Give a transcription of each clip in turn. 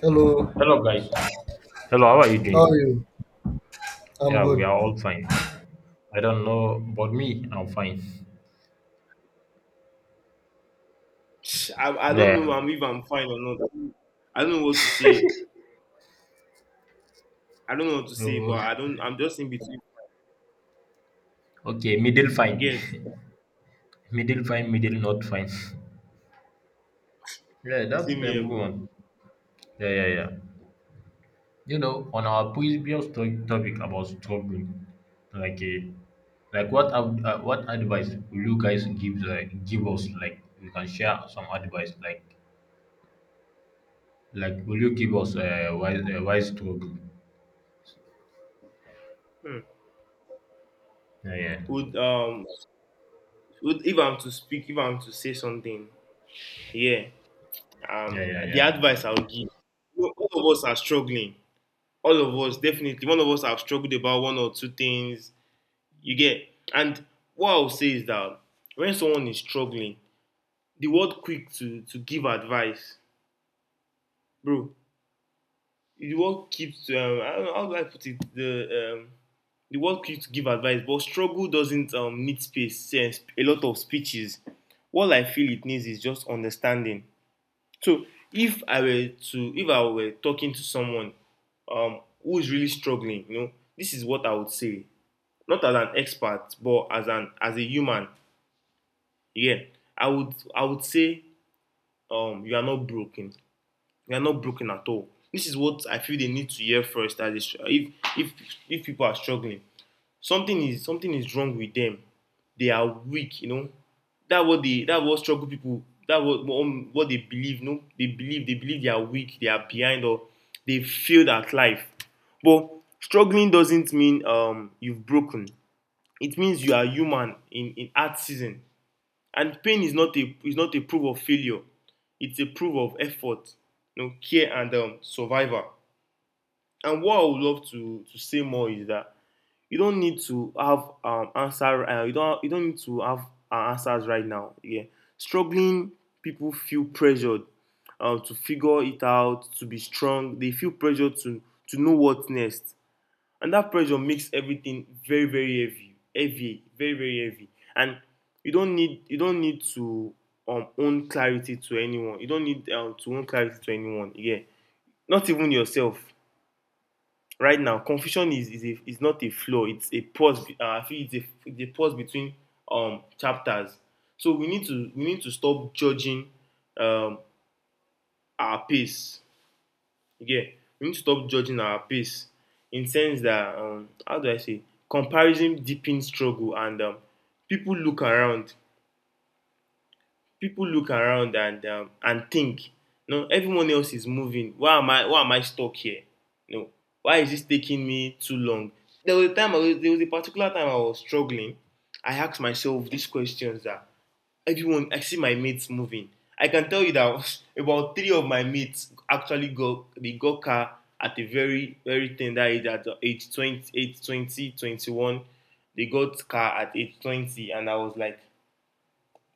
Hello, Hello, guys. Hello, how are you how are doing? you? I'm Yeah, we good. are all fine. I don't know, but me, I'm fine. I don't Yeah. know if I'm fine or not. I don't know what to say. I don't know what to say, So, but I don't. I'm just in between. okay, middle You fine, get middle fine, middle not fine. Yeah, that's see me here, bro. everyone. Yeah, yeah, yeah. You know, on our previous topic about struggling, like a, like what what advice will you guys give give us? Like, you can share some advice. Like will you give us a wise wise struggle? Hmm. Yeah, yeah, Would um would if I'm to speak, if I'm to say something, yeah. Um, yeah, yeah, the yeah. advice I'll give. You all of us are struggling. All of us definitely. One of us have struggled about one or two things. You get. And what I'll say is that when someone is struggling, the world quick to give advice, bro. The world keeps I don't know, how do I put it the world keeps give advice, but struggle doesn't need space, and a lot of speeches. What I feel it needs is just understanding. So if I were talking to someone who is really struggling, this is what I would say. Not as an expert, but as an as a human. Yeah, I would say you are not broken. We are not broken at all. This is what I feel they need to hear first. As if if if people are struggling, something is wrong with them. They are weak, you know, that what they that what struggle people that what they believe. No, they believe they are weak, they are behind, or they failed at life. But struggling doesn't mean you've broken. It means you are human in hard season, and pain is not a proof of failure. It's a proof of effort, you know, care and survival. And what I would love to say more is that you don't need to have answer. You don't need to have answers right now. Yeah, struggling people feel pressured to figure it out, to be strong. They feel pressured to know what's next, and that pressure makes everything very heavy, heavy very very heavy and you don't need to own clarity to anyone. You don't need to own clarity to anyone, yeah, not even yourself right now. Confusion is not a flaw. It's a pause. I feel it's it's a pause between chapters. So we need to stop judging um our pace. Yeah, we need to stop judging our pace, in sense that how do I say, comparison deepens struggle and people look around. People look around and think, no, everyone else is moving. Why am I stuck here? No, why is this taking me too long? There was a particular time I was struggling. I asked myself these questions, that everyone I see, my mates moving. I can tell you that about three of my mates actually got they got car at a very very tender age, at age 20 21. They got car at age 20 and I was like,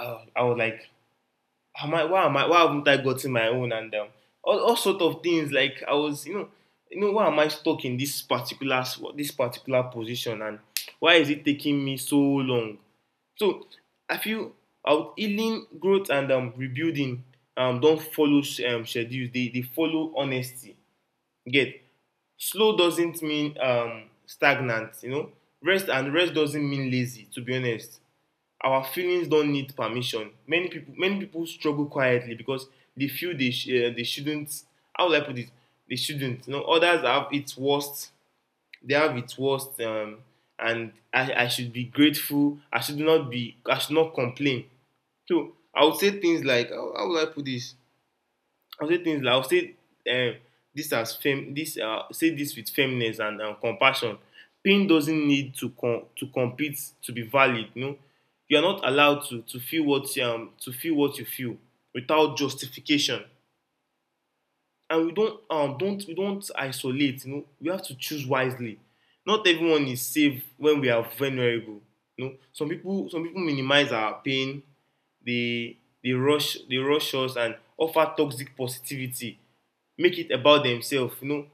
I was like, how am I, why haven't I gotten my own? And all sort of things. Like I was, you know, why am I stuck in this particular, this particular position? And why is it taking me so long? So I feel out healing, growth, and rebuilding don't follow schedules. They follow honesty. You get, slow doesn't mean stagnant. You know, rest doesn't mean lazy. To be honest, our feelings don't need permission. Many people struggle quietly because they feel they shouldn't. How will I put it? They shouldn't. You know, others have its worst. They have its worst, and I should be grateful. I should not be. I should not complain. So I would say things like, how will I put this? I'll say um, this as firm, this say this with firmness and compassion. Pain doesn't need to compete to be valid. You know, you are not allowed to feel what you feel without justification. And we don't isolate. You know, we have to choose wisely. Not everyone is safe when we are vulnerable. You know, some people minimize our pain. They they rush us and offer toxic positivity, make it about themselves, you know.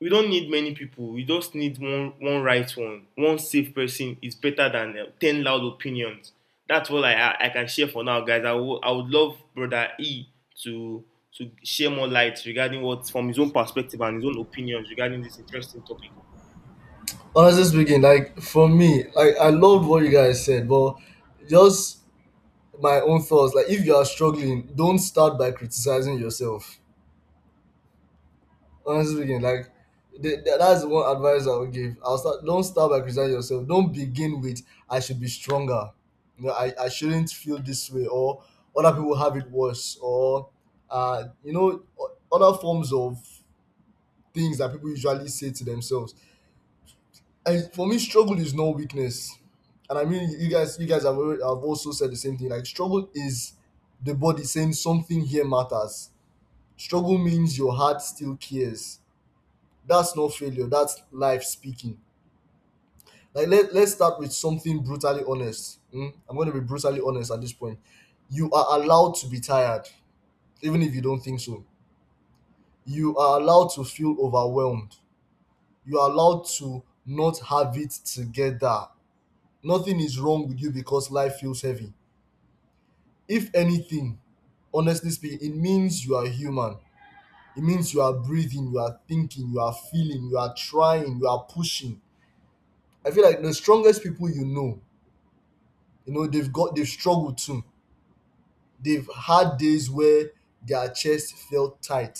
We don't need many people. We just need one right, one safe person is better than 10 loud opinions. That's all I can share for now, guys. I would love brother E to share more light regarding what from his own perspective and his own opinions regarding this interesting topic. Honestly speaking, like for me, like I loved what you guys said, but just my own thoughts. Like if you are struggling, don't start by criticizing yourself. Honestly speaking, like that's the one advice I would give. I'll start. Don't start by criticizing yourself. Don't begin with I should be stronger. You know, I shouldn't feel this way, or other people have it worse, or you know, other forms of things that people usually say to themselves. And for me, struggle is no weakness. And I mean, you guys have already have also said the same thing. Like, struggle is the body saying something here matters. Struggle means your heart still cares. That's not failure, that's life speaking. Like, let's start with something brutally honest, mm? I'm going to be brutally honest at this point. You are allowed to be tired, even if you don't think so. You are allowed to feel overwhelmed. You are allowed to not have it together. Nothing is wrong with you because life feels heavy. If anything, honestly speaking, it means you are human. It means you are breathing, you are thinking, you are feeling, you are trying, you are pushing. I feel like the strongest people, you know, they've struggled too. They've had days where their chest felt tight,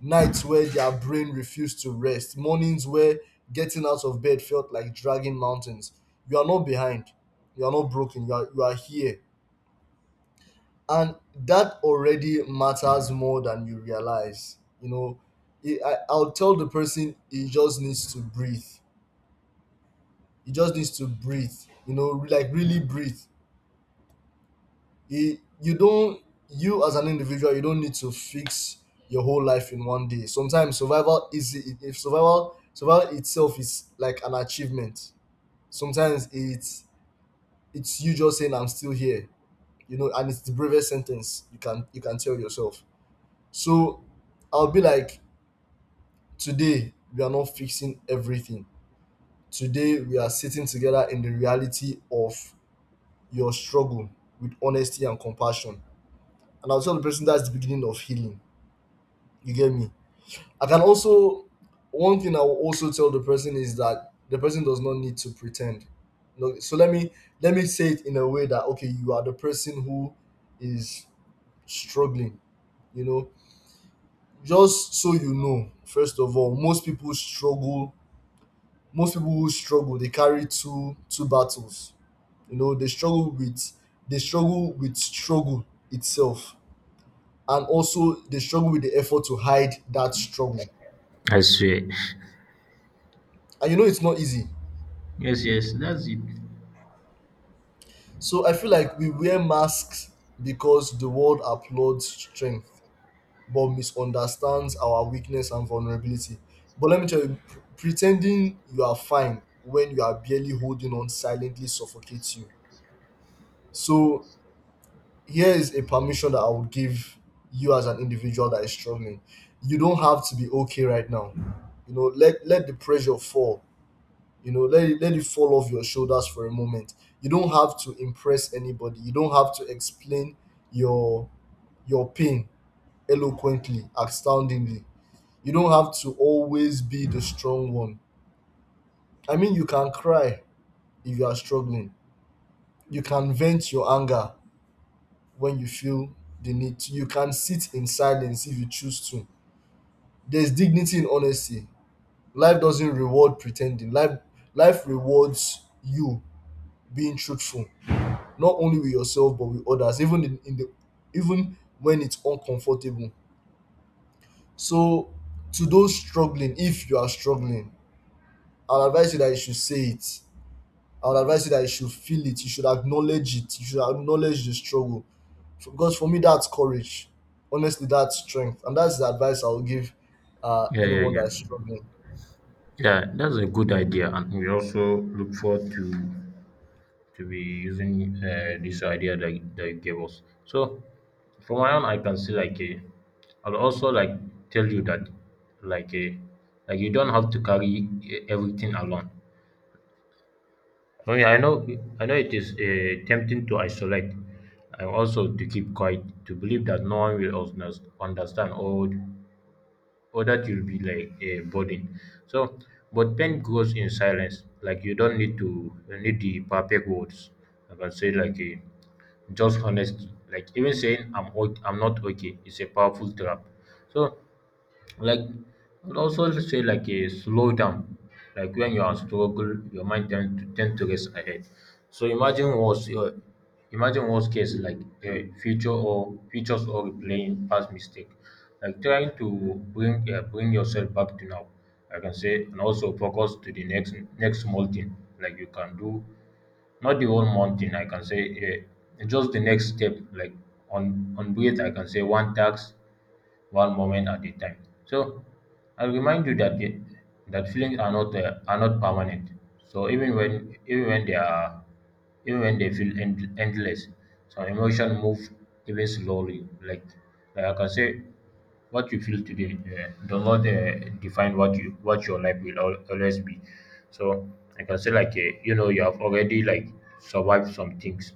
nights where their brain refused to rest, mornings where getting out of bed felt like dragging mountains. You are not behind. You are not broken. You are, you are here, and that already matters more than you realize, you know. I'll tell the person he just needs to breathe. He just needs to breathe, you know, like really breathe. You don't, you as an individual, you don't need to fix your whole life in one day. Sometimes survival is, if survival itself is like an achievement. Sometimes it's, you just saying I'm still here, you know, and it's the bravest sentence you can, you can tell yourself. So I'll be like, today, we are not fixing everything. Today, we are sitting together in the reality of your struggle with honesty and compassion. And I'll tell the person, that's the beginning of healing. You get me? I can also, one thing I will also tell the person is that the person does not need to pretend. No, so let me, let me say it in a way that, okay, you are the person who is struggling. You know, just so you know, first of all, most people struggle, most people who struggle, they carry two battles. You know, they struggle with, they struggle with struggle itself, and also they struggle with the effort to hide that struggle. I swear. And you know, it's not easy. Yes, yes, that's it. So I feel like we wear masks because the world applauds strength but misunderstands our weakness and vulnerability. But let me tell you, pretending you are fine when you are barely holding on silently suffocates you. So here is a permission that I would give you as an individual that is struggling. You don't have to be okay right now. You know, let the pressure fall. You know, let it fall off your shoulders for a moment. You don't have to impress anybody. You don't have to explain your your pain eloquently, astoundingly. You don't have to always be the strong one. I mean, you can cry if you are struggling. You can vent your anger when you feel the need to. You can sit in silence if you choose to. There's dignity in honesty. Life doesn't reward pretending. Life rewards you being truthful, not only with yourself but with others, even in the even when it's uncomfortable. So to those struggling, if you are struggling, I'll advise you that you should say it. I would advise you that you should feel it, you should acknowledge it, you should acknowledge the struggle. So, because for me, that's courage. Honestly, that's strength. And that's the advice I'll give Yeah, yeah, anyone yeah. that's struggling. Yeah, that's a good idea, and we also look forward to be using this idea that you gave us. So, from my own, I can see like a. I'll also like tell you that, like a, like you don't have to carry eh, everything alone. Oh yeah, I know. I know it is tempting to isolate, and also to keep quiet, to believe that no one will understand or that you will be like a burden. So, but pain grows in silence. Like you don't need to you need the perfect words. Like I say, like a just honest. Like even saying I'm not okay is a powerful trap. So like and also say like a slow down like when you are struggle your mind tend to race ahead, so imagine what's your, imagine worst case like a future or futures or replaying past mistake, like trying to bring bring yourself back to now. I can say and also focus to the next small thing like you can do, not the whole month thing, I can say, eh, just the next step, like on breath, I can say one task, one moment at a time. So I'll remind you that the, that feelings are not permanent. So even when they are even when they feel end, endless, some emotion move even slowly. Like I can say what you feel today does not define what you what your life will always be. So I can say like you know you have already like survived some things,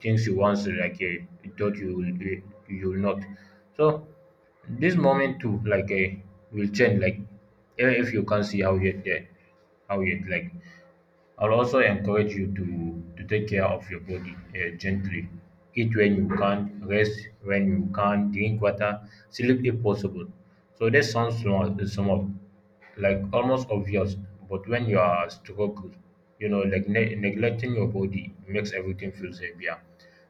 things you once thought you will not. So this moment too like will change, like even if you can't see how yet there, how yet like I'll also encourage you to take care of your body gently. Eat when you can, rest when you can, drink water, sleep if possible. So that sounds small, small, like almost obvious, but when you are struggled, you know, like neglecting your body makes everything feels heavier.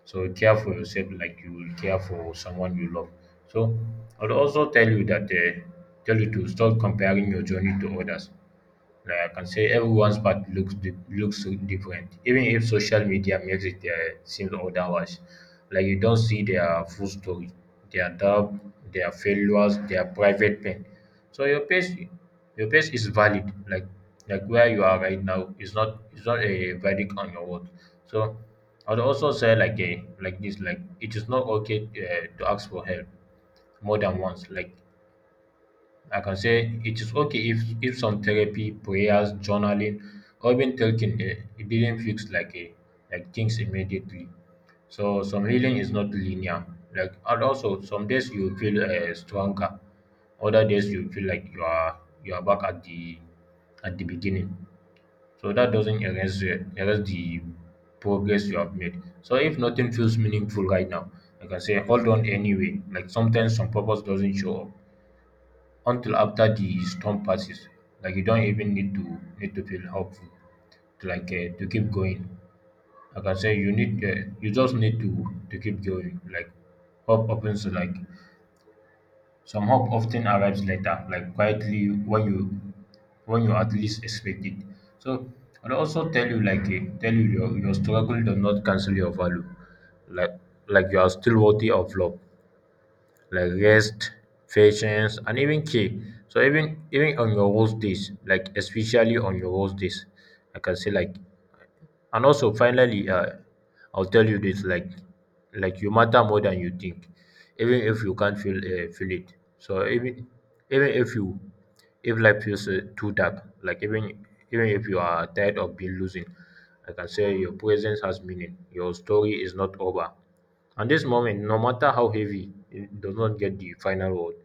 So care for yourself like you will care for someone you love. So I'll also tell you that tell you to stop comparing your journey to others. Like I can say everyone's path looks looks so different, even if social media makes it seem otherwise. Like you don't see their full story, their doubt, their failures, their private pain. So your pace is valid. Like where you are right now is not a verdict on your work. So I'd also say like a like this like it is not okay to ask for help more than once. Like I can say it is okay if some therapy, prayers, journaling, or even talking eh, it didn't fix like a like things immediately. So some healing is not linear. Like and also some days you feel stronger, other days you feel like you are back at the beginning. So that doesn't erase erase the progress you have made. So if nothing feels meaningful right now, I can say, hold on anyway. Like sometimes some purpose doesn't show up until after the storm passes. Like you don't even need to need to feel hopeful to like to keep going. Like I say, you need you just need to keep going. Like hope opens like some hope often arrives later, like quietly when you at least expect it. So I'll also tell you like eh, tell you your struggle does not cancel your value. Like like you are still worthy of love, like rest, patience, and even care. So even even on your worst days, like especially on your worst days, I can say like and also, finally, I'll tell you this: like you matter more than you think, even if you can't feel feel it. So even even if you if life feels too dark, like even even if you are tired of being losing, like I can say your presence has meaning. Your story is not over. And this moment, no matter how heavy, it does not get the final word.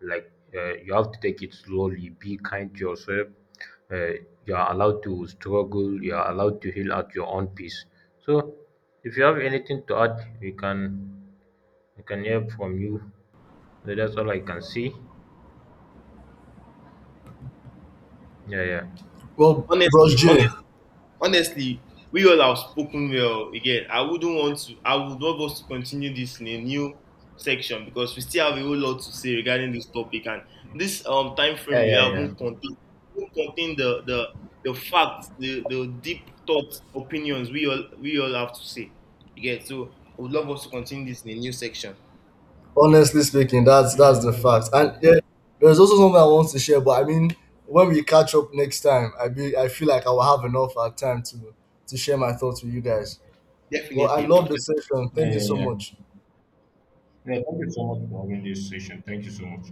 Like you have to take it slowly. Be kind to yourself, uh, you are allowed to struggle, you are allowed to heal at your own pace. So if you have anything to add, we can hear from you. So that's all I can see. Yeah, yeah. Well, Bros honestly J, honestly honestly, we all have spoken well again. I wouldn't want to, I would love us to continue this in a new section because we still have a whole lot to say regarding this topic. And this time frame we have won't contain the facts, the deep thoughts, opinions we all have to say. Again, so I would love us to continue this in a new section. honestly speaking, that's Yeah, yeah, that's the that's, fact. And yeah, there's also something I want to share, but I mean, when we catch up next time, I feel like I will have enough time to share my thoughts with you guys. Well, Definitely, I bro. love the session. yeah, Thank you yeah, so yeah. much. Yeah, thank you so much for having this session. Thank you so much.